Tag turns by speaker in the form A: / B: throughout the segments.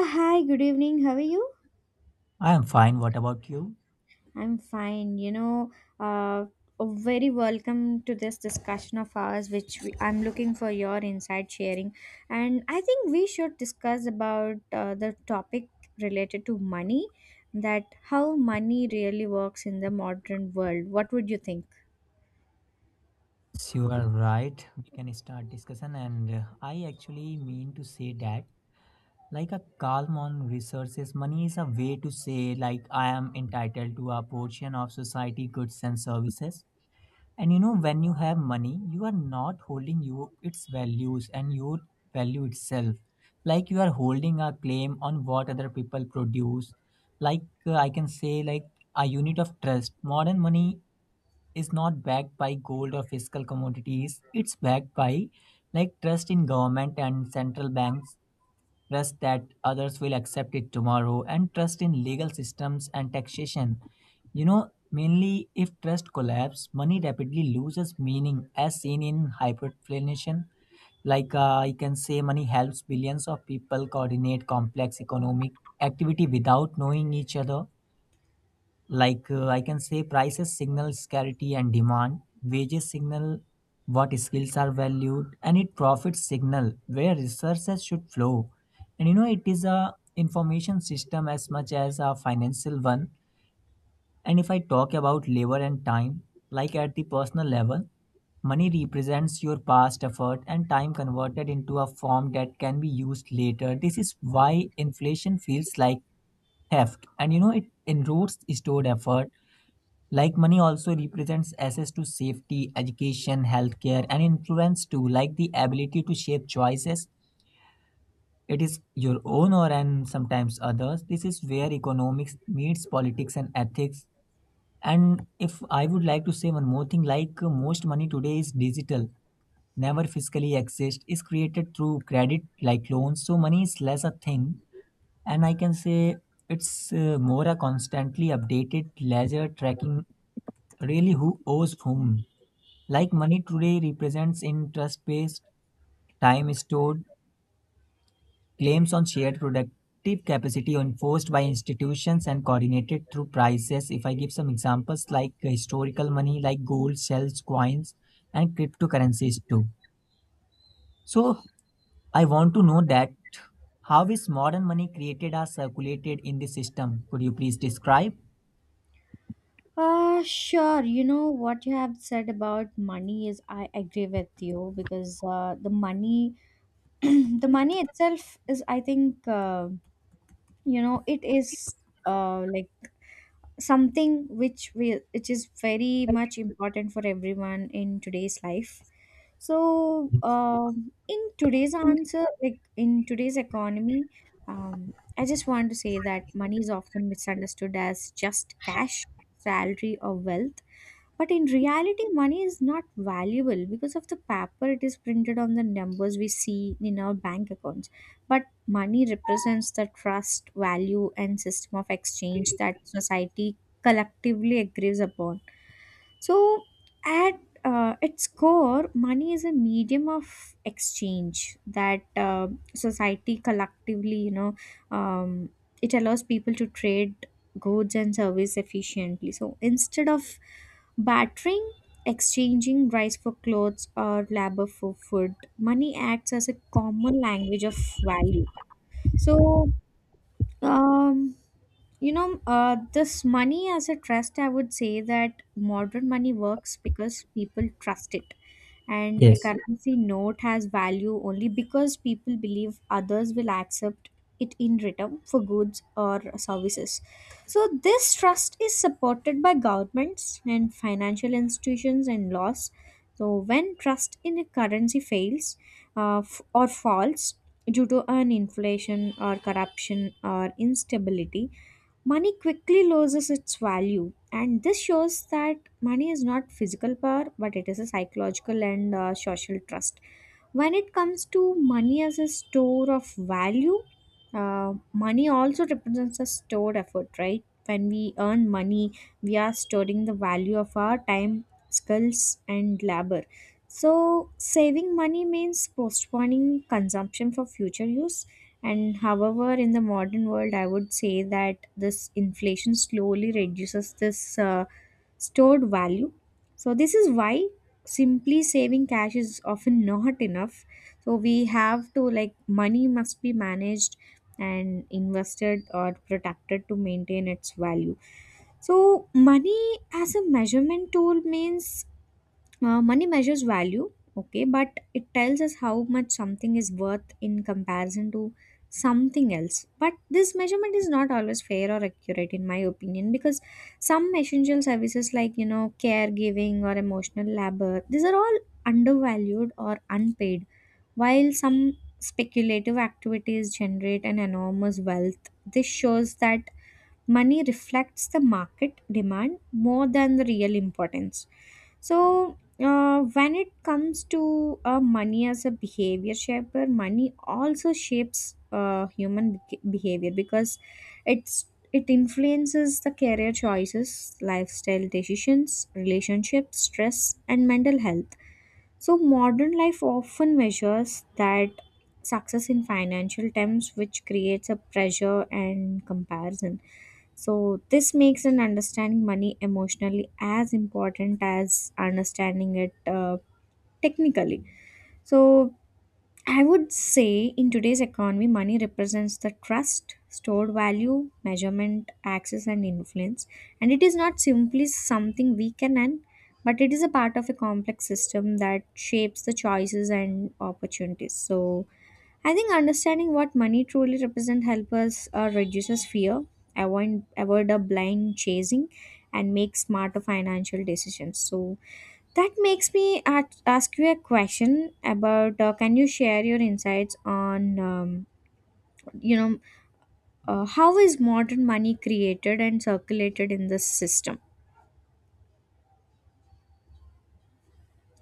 A: Hi, good evening. How are you?
B: I am fine. What about you?
A: I'm fine. Uh, Very welcome to this discussion of ours, which we, I'm looking for your insight sharing. And I think we should discuss about the topic related to money, that how money really works in the modern world. What would you think?
B: Yes, you are right. We can start discussion. And I actually mean to say that, like a calm on resources, money is a way to say, like, I am entitled to a portion of society goods and services. And when you have money, you are not holding you its values and your value itself. Like you are holding a claim on what other people produce. I can say, like a unit of trust. Modern money is not backed by gold or fiscal commodities. It's backed by like trust in government and central banks, trust that others will accept it tomorrow, and trust in legal systems and taxation. Mainly if trust collapses, money rapidly loses meaning as seen in hyperinflation. I can say, money helps billions of people coordinate complex economic activity without knowing each other. I can say, prices signal scarcity and demand, wages signal what skills are valued, and it profits signal where resources should flow. And it is a information system as much as a financial one. And if I talk about labor and time, like at the personal level, money represents your past effort and time converted into a form that can be used later. This is why inflation feels like theft. And it enroots stored effort like money also represents access to safety, education, healthcare, and influence too, like the ability to shape choices. It is your own or and sometimes others. This is where economics meets politics and ethics. And if I would like to say one more thing, most money today is digital, never physically exists, is created through credit like loans. So money is less a thing, and I can say it's more a constantly updated ledger tracking really who owes whom. Like money today represents interest based time-stored claims on shared productive capacity enforced by institutions and coordinated through prices. If I give some examples like historical money, like gold, shells, coins, and cryptocurrencies too. So I want to know that how is modern money created or circulated in the system? Could you please describe?
A: Sure. You know what you have said about money is I agree with you because the money, the money itself is I think. You know it is like something which we which is very much important for everyone in today's life, so in today's answer, like in today's economy, I just want to say that money is often misunderstood as just cash, salary, or wealth, but in reality, money is not valuable because of the paper it is printed on the numbers we see in our bank accounts. But money represents the trust, value, and system of exchange that society collectively agrees upon. So, at its core, money is a medium of exchange that, society collectively, you know, um, it allows people to trade goods and service efficiently. So, instead of bartering, exchanging rice for clothes or labor for food, money acts as a common language of value. So, um, this money as a trust, I would say that modern money works because people trust it, and a
B: Yes.
A: currency note has value only because people believe others will accept it in return for goods or services. So this trust is supported by governments and financial institutions and laws. So when trust in a currency fails, or falls due to an inflation or corruption or instability, money quickly loses its value. And this shows that money is not physical power, but it is a psychological and social trust. When it comes to money as a store of value, money also represents a stored effort, right? When we earn money, we are storing the value of our time, skills, and labor. So saving money means postponing consumption for future use. And however, in the modern world, I would say that this inflation slowly reduces this stored value. So, this is why simply saving cash is often not enough. So, we have to, like, money must be managed and invested or protected to maintain its value. So, money as a measurement tool means money measures value, okay, but it tells us how much something is worth in comparison to something else. But this measurement is not always fair or accurate, in my opinion, because some essential services, like, you know, caregiving or emotional labor, these are all undervalued or unpaid, while some speculative activities generate an enormous wealth. This shows that money reflects the market demand more than the real importance. So, when it comes to money as a behavior shaper, money also shapes behavior because it influences the career choices, lifestyle decisions, relationships, stress, and mental health. So, modern life often measures that success in financial terms, which creates a pressure and comparison. So, this makes an understanding money emotionally as important as understanding it technically. So, I would say in today's economy, money represents the trust, stored value, measurement, access, and influence. And it is not simply something we can earn, but it is a part of a complex system that shapes the choices and opportunities. So, I think understanding what money truly represents helps us reduces fear, avoid a blind chasing, and make smarter financial decisions. So that makes me ask you a question about, can you share your insights on you know how is modern money created and circulated in this system?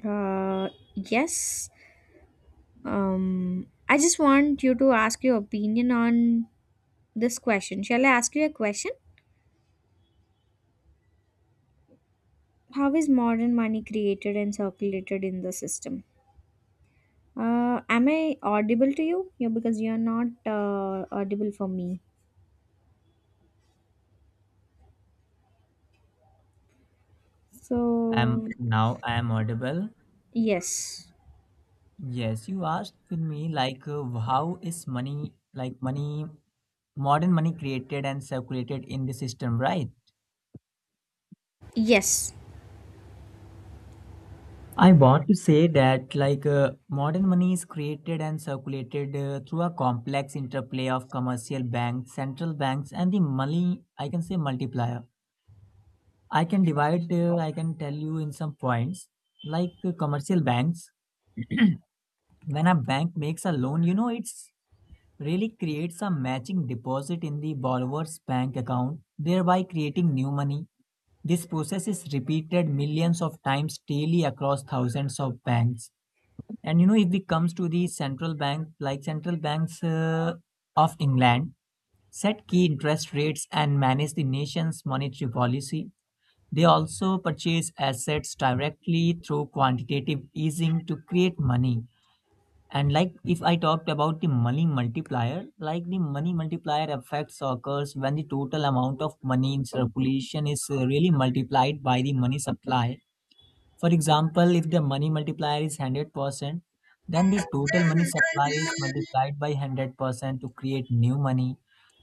A: Yes. I just want you to ask your opinion on this question. Shall I ask you a question? How is modern money created and circulated in the system? Am I audible to you? Yeah, because you are not audible for me. So,
B: I am audible.
A: yes.
B: Yes, you asked with me how is money like money modern money created and circulated in the system, right?
A: Yes.
B: I want to say that modern money is created and circulated through a complex interplay of commercial banks, central banks, and the money I can say multiplier. I can divide. I can tell you in some points commercial banks. When a bank makes a loan, it's really creates a matching deposit in the borrower's bank account, thereby creating new money. This process is repeated millions of times daily across thousands of banks. And if it comes to the central bank, like central banks of England, set key interest rates and manage the nation's monetary policy. They also purchase assets directly through quantitative easing to create money. And like if I talked about the money multiplier, like the money multiplier effects occurs when the total amount of money in circulation is really multiplied by the money supply. For example, if the money multiplier is 100%, then the total money supply is multiplied by 100% to create new money.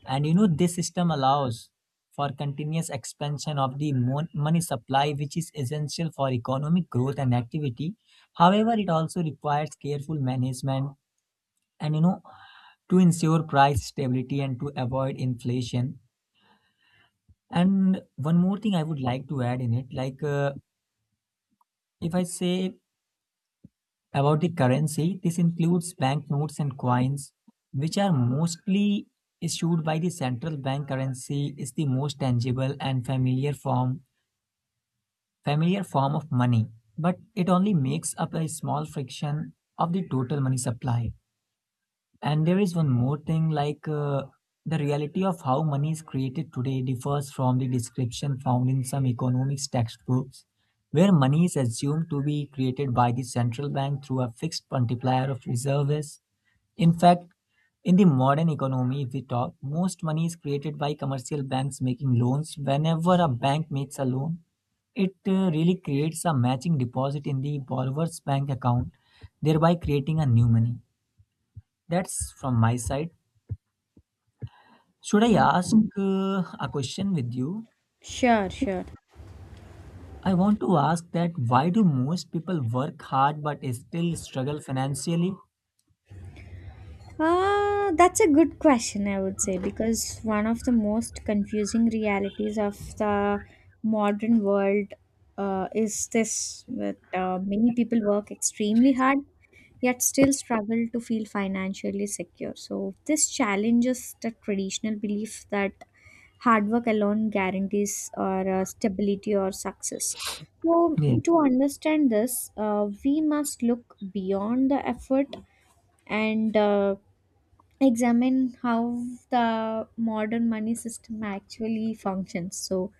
B: And this system allows for continuous expansion of the money supply, which is essential for economic growth and activity. However, it also requires careful management and to ensure price stability and to avoid inflation. And one more thing I would like to add in it, if I say about the currency, this includes banknotes and coins which are mostly issued by the central bank. Currency is the most tangible and familiar form of money, but it only makes up a small fraction of the total money supply. And there is one more thing, the reality of how money is created today differs from the description found in some economics textbooks, where money is assumed to be created by the central bank through a fixed multiplier of reserves. In fact, in the modern economy, if we talk, most money is created by commercial banks making loans. Whenever a bank makes a loan, it really creates a matching deposit in the borrower's bank account, thereby creating a new money. That's from my side. Should I ask a question with you?
A: Sure, sure.
B: I want to ask that why do most people work hard but still struggle financially?
A: That's a good question, I would say, because one of the most confusing realities of the modern world is this that many people work extremely hard yet still struggle to feel financially secure. So, this challenges the traditional belief that hard work alone guarantees or stability or success. So,
B: Yes.
A: to understand this, we must look beyond the effort and, examine how the modern money system actually functions. So,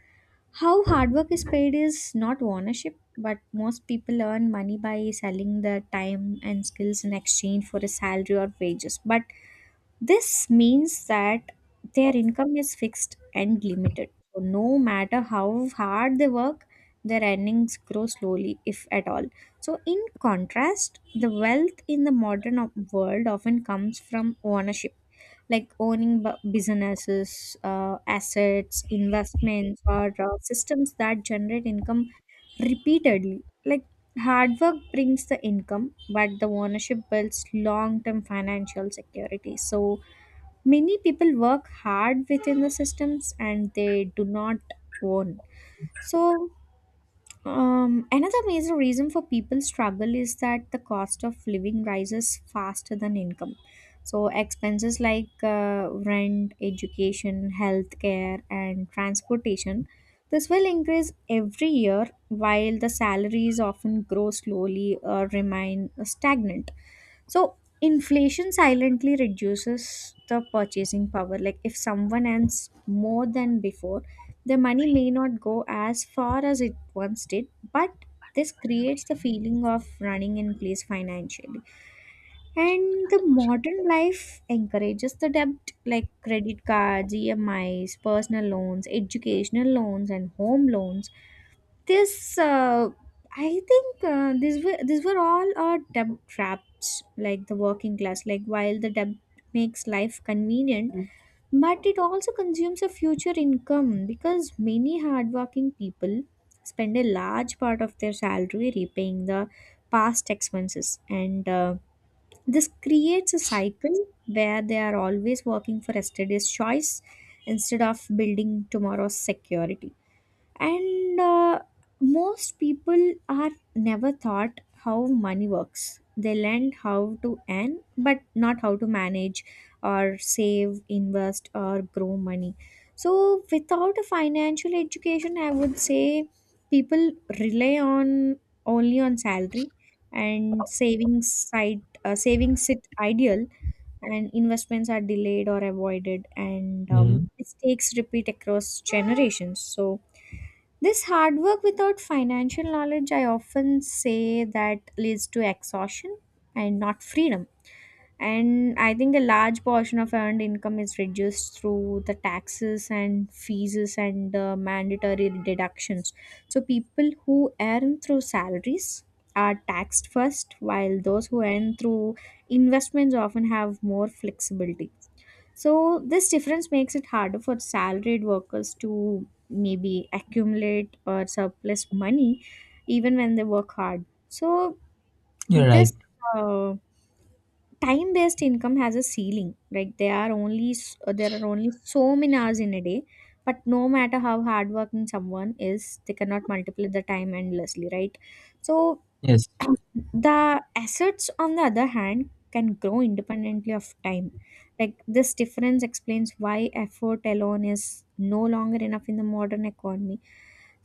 A: how hard work is paid is not ownership, but most people earn money by selling their time and skills in exchange for a salary or wages. But this means that their income is fixed and limited. So, no matter how hard they work, their earnings grow slowly, if at all. So, in contrast, the wealth in the modern world often comes from ownership, like owning businesses, assets, investments, or systems that generate income repeatedly. Like hard work brings the income, but the ownership builds long term financial security. So many people work hard within the systems and they do not own. So another major reason for people struggle is that the cost of living rises faster than income. So expenses like rent, education, healthcare, and transportation, this will increase every year, while the salaries often grow slowly or remain stagnant. So inflation silently reduces the purchasing power. Like if someone earns more than before, their money may not go as far as it once did, but this creates the feeling of running in place financially. And the modern life encourages the debt like credit cards, EMIs, personal loans, educational loans, and home loans. This I think these were These were all our debt traps, like the working class, like while the debt makes life convenient. Mm. But it also consumes a future income because many hardworking people spend a large part of their salary repaying the past expenses. And this creates a cycle where they are always working for yesterday's choice instead of building tomorrow's security. And most people are never taught how money works. They learn how to earn but not how to manage or save, invest, or grow money. So without a financial education, I would say people rely on, only on salary, and savings sit ideal, and investments are delayed or avoided, and
B: Mhm.
A: mistakes repeat across generations. So this hard work without financial knowledge, I often say that leads to exhaustion and not freedom. And I think a large portion of earned income is reduced through the taxes and fees and mandatory deductions. So people who earn through salaries are taxed first, while those who earn through investments often have more flexibility. So this difference makes it harder for salaried workers to maybe accumulate or surplus money even when they work hard. So
B: You're
A: this
B: right.
A: uh, time-based income has a ceiling. Like there are only there are only so many hours in a day, but no matter how hardworking someone is, they cannot multiply the time endlessly, right? So
B: Yes.
A: the assets on the other hand can grow independently of time, like this difference explains why effort alone is no longer enough in the modern economy.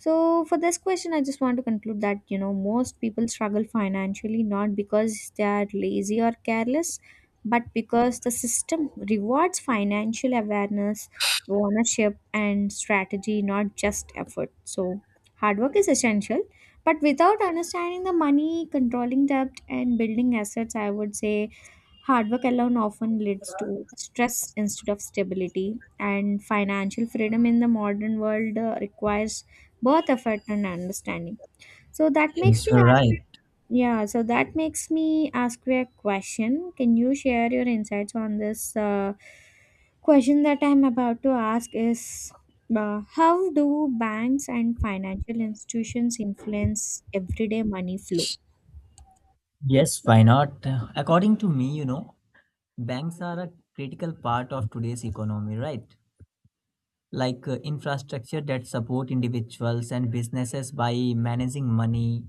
A: So, for this question, I just want to conclude that you know most people struggle financially not because they are lazy or careless, but because the system rewards financial awareness, ownership, and strategy, not just effort. So, hard work is essential, but without understanding the money, controlling debt, and building assets, I would say hard work alone often leads to stress instead of stability, and financial freedom in the modern world requires both effort and understanding. So that makes
B: Yes,
A: me
B: you're
A: ask
B: right.
A: you, yeah, so that makes me ask you a question. Can you share your insights on this question that I'm about to ask is, how do banks and financial institutions influence everyday money flow?
B: Yes, why not? According to me, banks are a critical part of today's economy, right? Infrastructure that support individuals and businesses by managing money,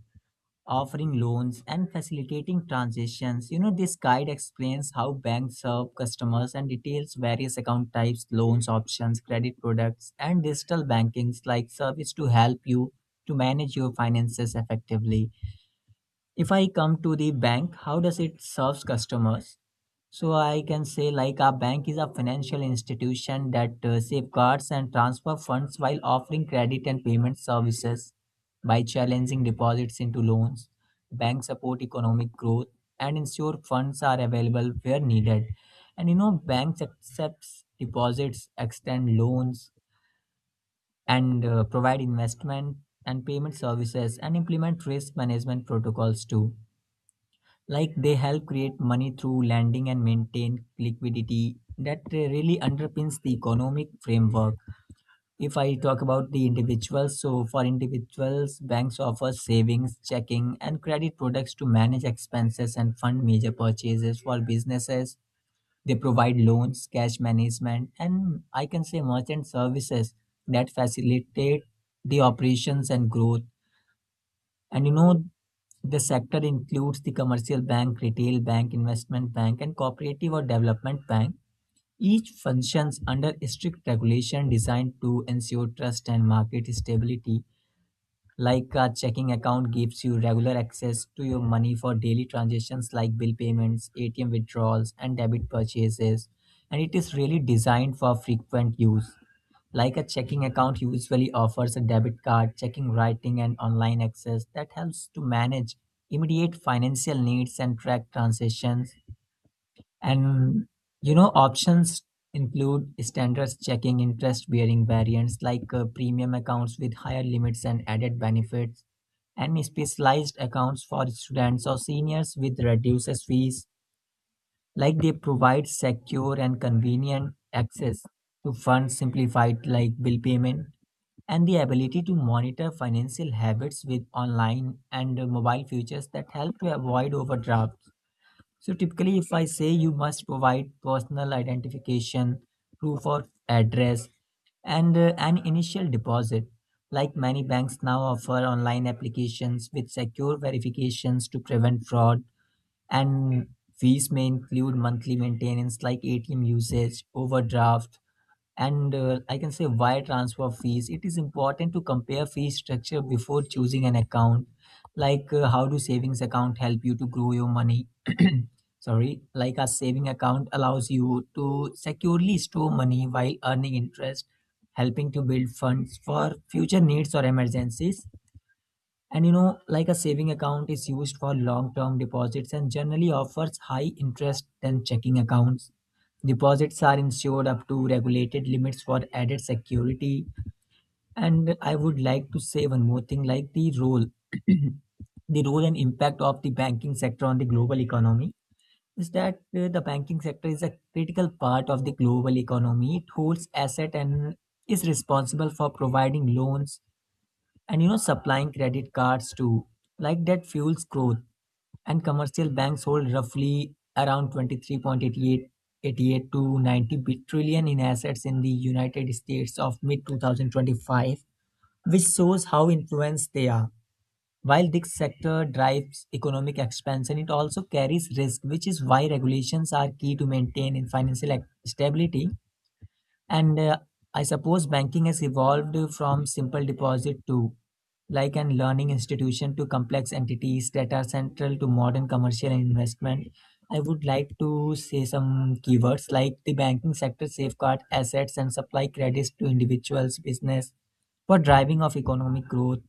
B: offering loans and facilitating transitions. This guide explains how banks serve customers and details various account types, loans options, credit products, and digital bankings like service to help you to manage your finances effectively. If I come to the bank, how does it serves customers? So I can say like a bank is a financial institution that safeguards and transfer funds while offering credit and payment services by challenging deposits into loans. Banks support economic growth and ensure funds are available where needed. And banks accepts deposits, extend loans, and provide investment and payment services, and implement risk management protocols too. Like they help create money through lending and maintain liquidity that really underpins the economic framework. If I talk about the individuals, so for individuals, banks offer savings, checking, and credit products to manage expenses and fund major purchases. For businesses, they provide loans, cash management, and I can say merchant services that facilitate the operations and growth. And the sector includes the commercial bank, retail bank, investment bank, and cooperative or development bank. Each functions under strict regulation designed to ensure trust and market stability. Like a checking account gives you regular access to your money for daily transactions like bill payments, ATM withdrawals, and debit purchases. And it is really designed for frequent use. Like a checking account usually offers a debit card, checking writing, and online access that helps to manage immediate financial needs and track transactions. And options include standards checking, interest bearing variants premium accounts with higher limits and added benefits, and specialized accounts for students or seniors with reduced fees, like they provide secure and convenient access to funds simplified like bill payment, and the ability to monitor financial habits with online and mobile features that help to avoid overdrafts. So typically, if I say you must provide personal identification, proof of address, and an initial deposit, like many banks now offer online applications with secure verifications to prevent fraud, and fees may include monthly maintenance like ATM usage, overdraft, and I can say wire transfer fees. It is important to compare fee structure before choosing an account. How do savings account help you to grow your money? Sorry, like a saving account allows you to securely store money while earning interest, helping to build funds for future needs or emergencies. And like a saving account is used for long term deposits and generally offers high interest than checking accounts. Deposits are insured up to regulated limits for added security. And I would like to say one more thing like the role, the role and impact of the banking sector on the global economy is that the banking sector is a critical part of the global economy. It holds asset and is responsible for providing loans, and supplying credit cards too like that fuels growth. And commercial banks hold roughly around 23.88 to 90 trillion in assets in the United States of mid 2025, which shows how influenced they are. While this sector drives economic expansion, it also carries risk, which is why regulations are key to maintain in financial stability. And I suppose banking has evolved from simple deposit to like an learning institution to complex entities that are central to modern commercial investment. I would like to say some keywords like the banking sector safeguard assets and supply credits to individuals, business for driving of economic growth,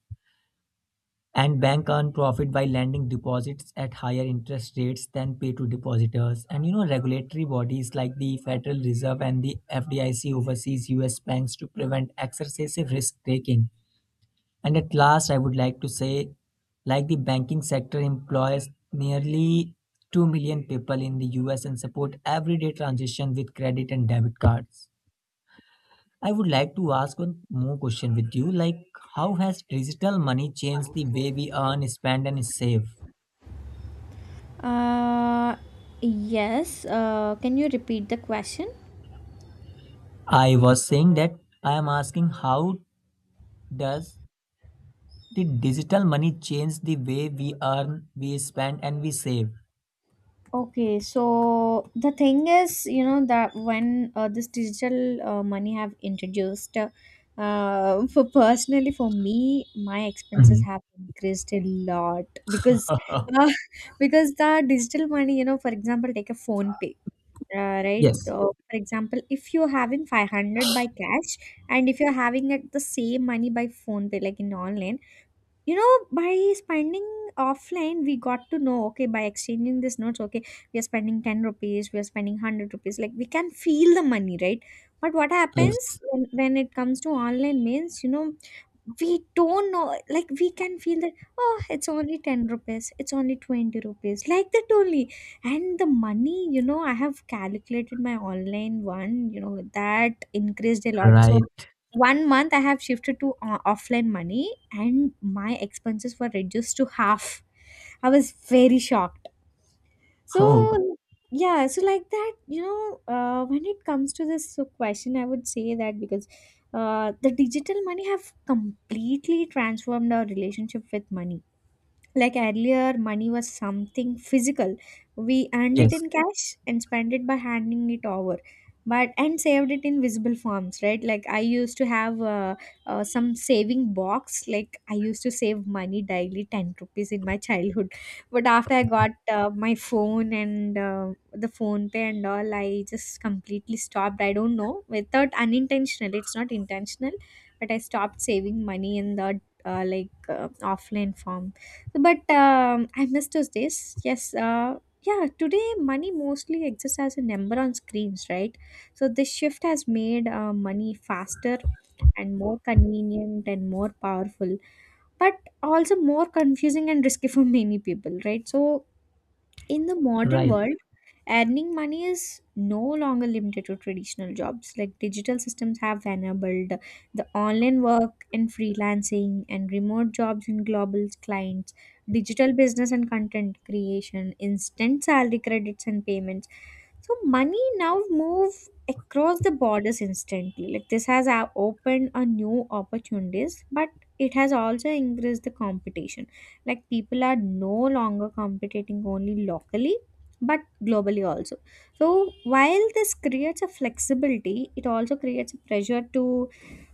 B: and bank earn profit by lending deposits at higher interest rates than pay to depositors. And regulatory bodies like the Federal Reserve and the FDIC oversees US banks to prevent excessive risk taking. And at last I would like to say like the banking sector employs nearly 2 million people in the US and support everyday transaction with credit and debit cards. I would like to ask one more question with you. Like, how has digital money changed the way we earn, spend, and save?
A: Uh, yes. Can you repeat the question?
B: I was saying that I am asking how does the digital money change the way we earn, we spend, and we save?
A: Okay, so the thing is, you know, that when this digital money have introduced, for personally for me, my expenses
B: Mhm.
A: have increased a lot because, uh, because the digital money, you know, for example, take a phone pay, right?
B: Yes,
A: So, for example, if you're having 500 by cash, and if you're having it the same money by phone pay, like in online, you know by spending offline, we got to know, okay, by exchanging these notes, okay, we are spending 10 rupees, we are spending 100 rupees, like we can feel the money, right? But what happens
B: yes,
A: when, it comes to online means, we don't know, like we can feel that, oh, it's only 10 rupees, it's only 20 rupees, like that only. And the money, I have calculated my online one, that increased a lot. So
B: right.
A: 1 month I have shifted to offline money and my expenses were reduced to half. I was very shocked.
B: Oh,
A: So yeah, so like that, when it comes to this so question, I would say that because the digital money have completely transformed our relationship with money. Like earlier, money was something physical. We earned it
B: yes,
A: in cash and spent it by handing it over. But and saved it in visible forms, right? Like I used to have some saving box. Like I used to save money daily, 10 rupees in my childhood. But after I got my phone and the phone pay and all, I just completely stopped. I don't know, without unintentional. It's not intentional, but I stopped saving money in the uh, like uh, offline form. But I missed those days. Yes. Yeah. Today, money mostly exists as a number on screens, right? So this shift has made money faster and more convenient and more powerful, but also more confusing and risky for many people, right? So in the modern
B: right.
A: world, earning money is no longer limited to traditional jobs. Like digital systems have enabled the online work and freelancing and remote jobs and global clients, digital business and content creation, instant salary credits and payments. So money now move across the borders instantly. Like this has opened a new opportunities, but it has also increased the competition. Like people are no longer competing only locally, but globally also. So, while this creates a flexibility, it also creates a pressure to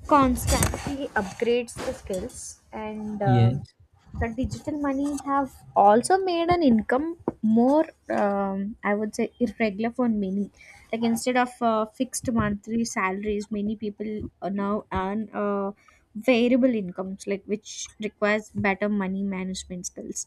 A: constantly upgrade the skills. And
B: Yes,
A: the digital money have also made an income more I would say irregular for many, like instead of fixed monthly salaries, many people now earn variable incomes, like which requires better money management skills.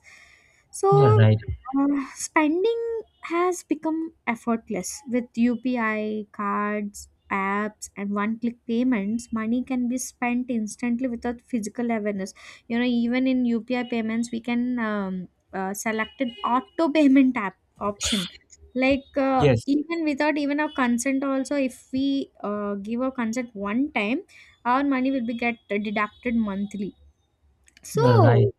A: So
B: you're right.
A: spending has become effortless. With UPI, cards, apps, and one click payments, money can be spent instantly without physical awareness. You know, even in UPI payments, we can select an auto payment app option. Like,
B: Yes,
A: even without even our consent, also, if we give our consent one time, our money will be get deducted monthly.
B: you're right.
A: So,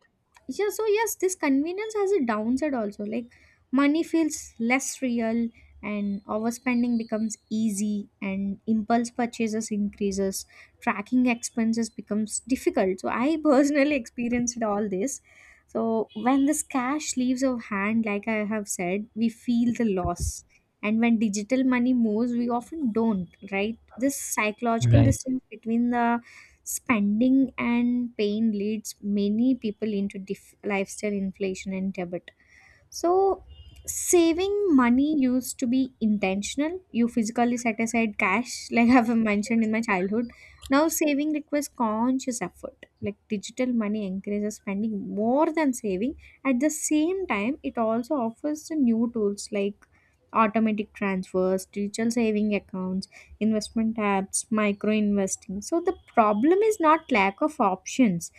A: yeah, so yes, this convenience has a downside also, like money feels less real, and overspending becomes easy, and impulse purchases increases, tracking expenses becomes difficult. So I personally experienced all this. So when this cash leaves our hand, like I have said, we feel the loss, and when digital money moves, we often don't, right? This psychological
B: Right,
A: distance between the spending and pain leads many people into lifestyle inflation and debt. So saving money used to be intentional. You physically set aside cash like I've mentioned in my childhood. Now saving requires conscious effort. Like digital money encourages spending more than saving. At the same time, it also offers the new tools like automatic transfers, digital saving accounts, investment apps, micro investing. So the problem is not lack of options,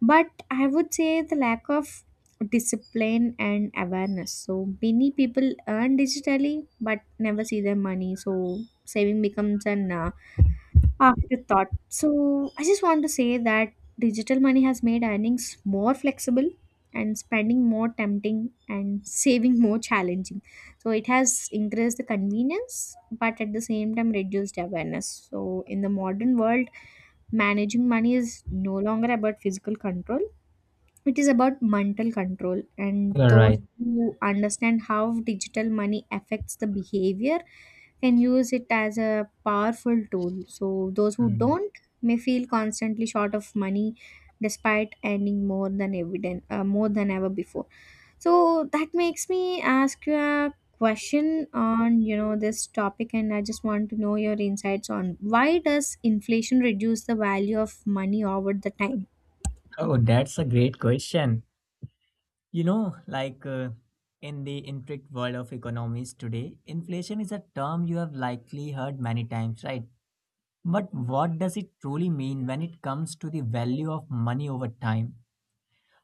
A: but I would say the lack of discipline and awareness. So many people earn digitally but never see their money. So saving becomes an afterthought. So I just want to say that digital money has made earnings more flexible, and spending more tempting, and saving more challenging. So it has increased the convenience, but at the same time reduced awareness. So in the modern world, managing money is no longer about physical control, it is about mental control, and
B: you're
A: those
B: right.
A: who understand how digital money affects the behavior can use it as a powerful tool. So those who
B: Mm.
A: don't may feel constantly short of money despite earning more than evident, more than ever before. So that makes me ask you a question on, you know, this topic, and I just want to know your insights on why does inflation reduce the value of money over the time?
B: Oh, that's a great question. You know, in the intricate world of economics today, inflation is a term you have likely heard many times, right? But what does it truly mean when it comes to the value of money over time?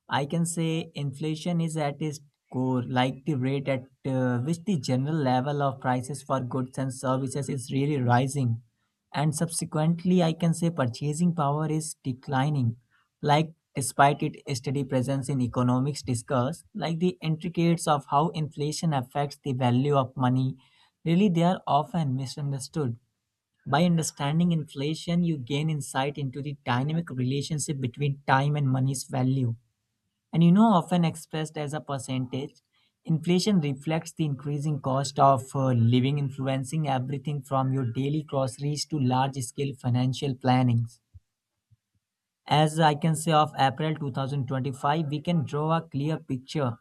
B: I can say inflation is at its core, like the rate at which the general level of prices for goods and services is really rising. And subsequently, I can say purchasing power is declining, like despite its steady presence in economics discuss, like the intricates of how inflation affects the value of money, really they are often misunderstood. By understanding inflation, you gain insight into the dynamic relationship between time and money's value, and you know, often expressed as a percentage, inflation reflects the increasing cost of living, influencing everything from your daily groceries to large scale financial plannings. As I can say, of April 2025, we can draw a clear picture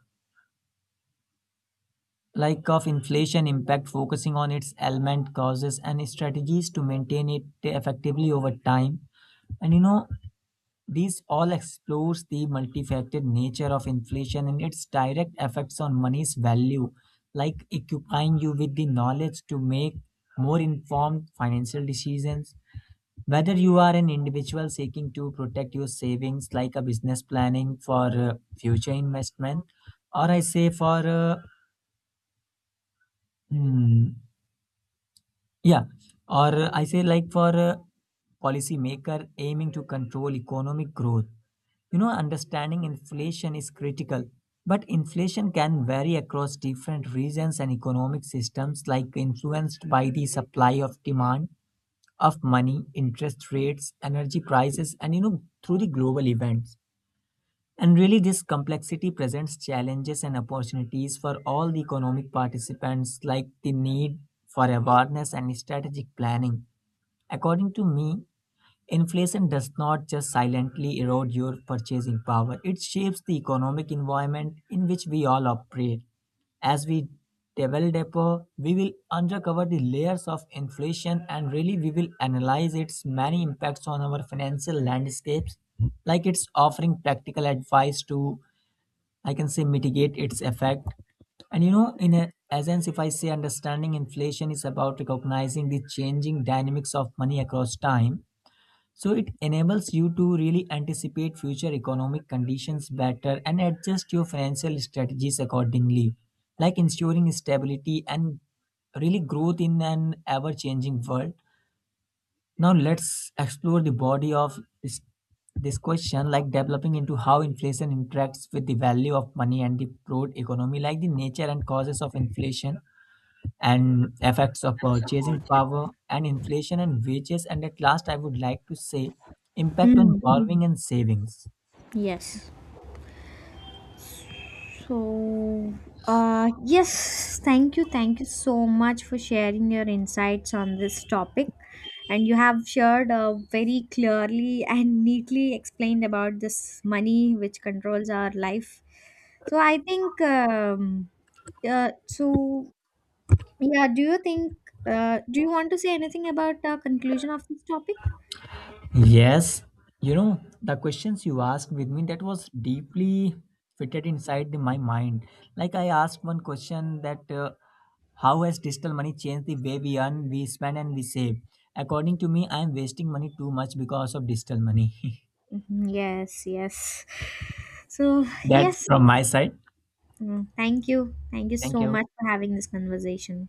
B: like of inflation impact focusing on its element causes and strategies to maintain it effectively over time. And you know, this all explores the multifaceted nature of inflation and its direct effects on money's value, like equipping you with the knowledge to make more informed financial decisions. Whether you are an individual seeking to protect your savings, like a business planning for future investment, or I say for hmm, Yeah, or I say like for a policymaker aiming to control economic growth, you know, understanding inflation is critical. But inflation can vary across different regions and economic systems, like influenced by the supply of demand of money, interest rates, energy prices, and you know, through the global events. And really, this complexity presents challenges and opportunities for all the economic participants, like the need for awareness and strategic planning. According to me, inflation does not just silently erode your purchasing power, it shapes the economic environment in which we all operate. As we delve deeper, we will uncover the layers of inflation and really we will analyze its many impacts on our financial landscapes, like it's offering practical advice to, I can say, mitigate its effect. And you know, in a, essence, if I say understanding inflation is about recognizing the changing dynamics of money across time, so it enables you to really anticipate future economic conditions better and adjust your financial strategies accordingly, like ensuring stability and really growth in an ever-changing world. Now let's explore the body of this question, like developing into how inflation interacts with the value of money and the broad economy, like the nature and causes of inflation and effects of purchasing power and inflation and wages. And at last I would like to say impact on
A: Mm.
B: borrowing and savings.
A: Yes. So, yes, thank you. Thank you so much for sharing your insights on this topic. And you have shared very clearly and neatly explained about this money which controls our life. So, I think, so yeah, do you think, do you want to say anything about the conclusion of this topic?
B: Yes, you know, the questions you asked with me, that was deeply fitted inside the- my mind. Like, I asked one question that how has digital money changed the way we earn, we spend, and we save? According to me, I am wasting money too much because of digital money.
A: Mhm. Yes, yes. So,
B: That's
A: yes.
B: from my side.
A: Mm, thank you. Thank you
B: Thank
A: so
B: you.
A: much for having this conversation.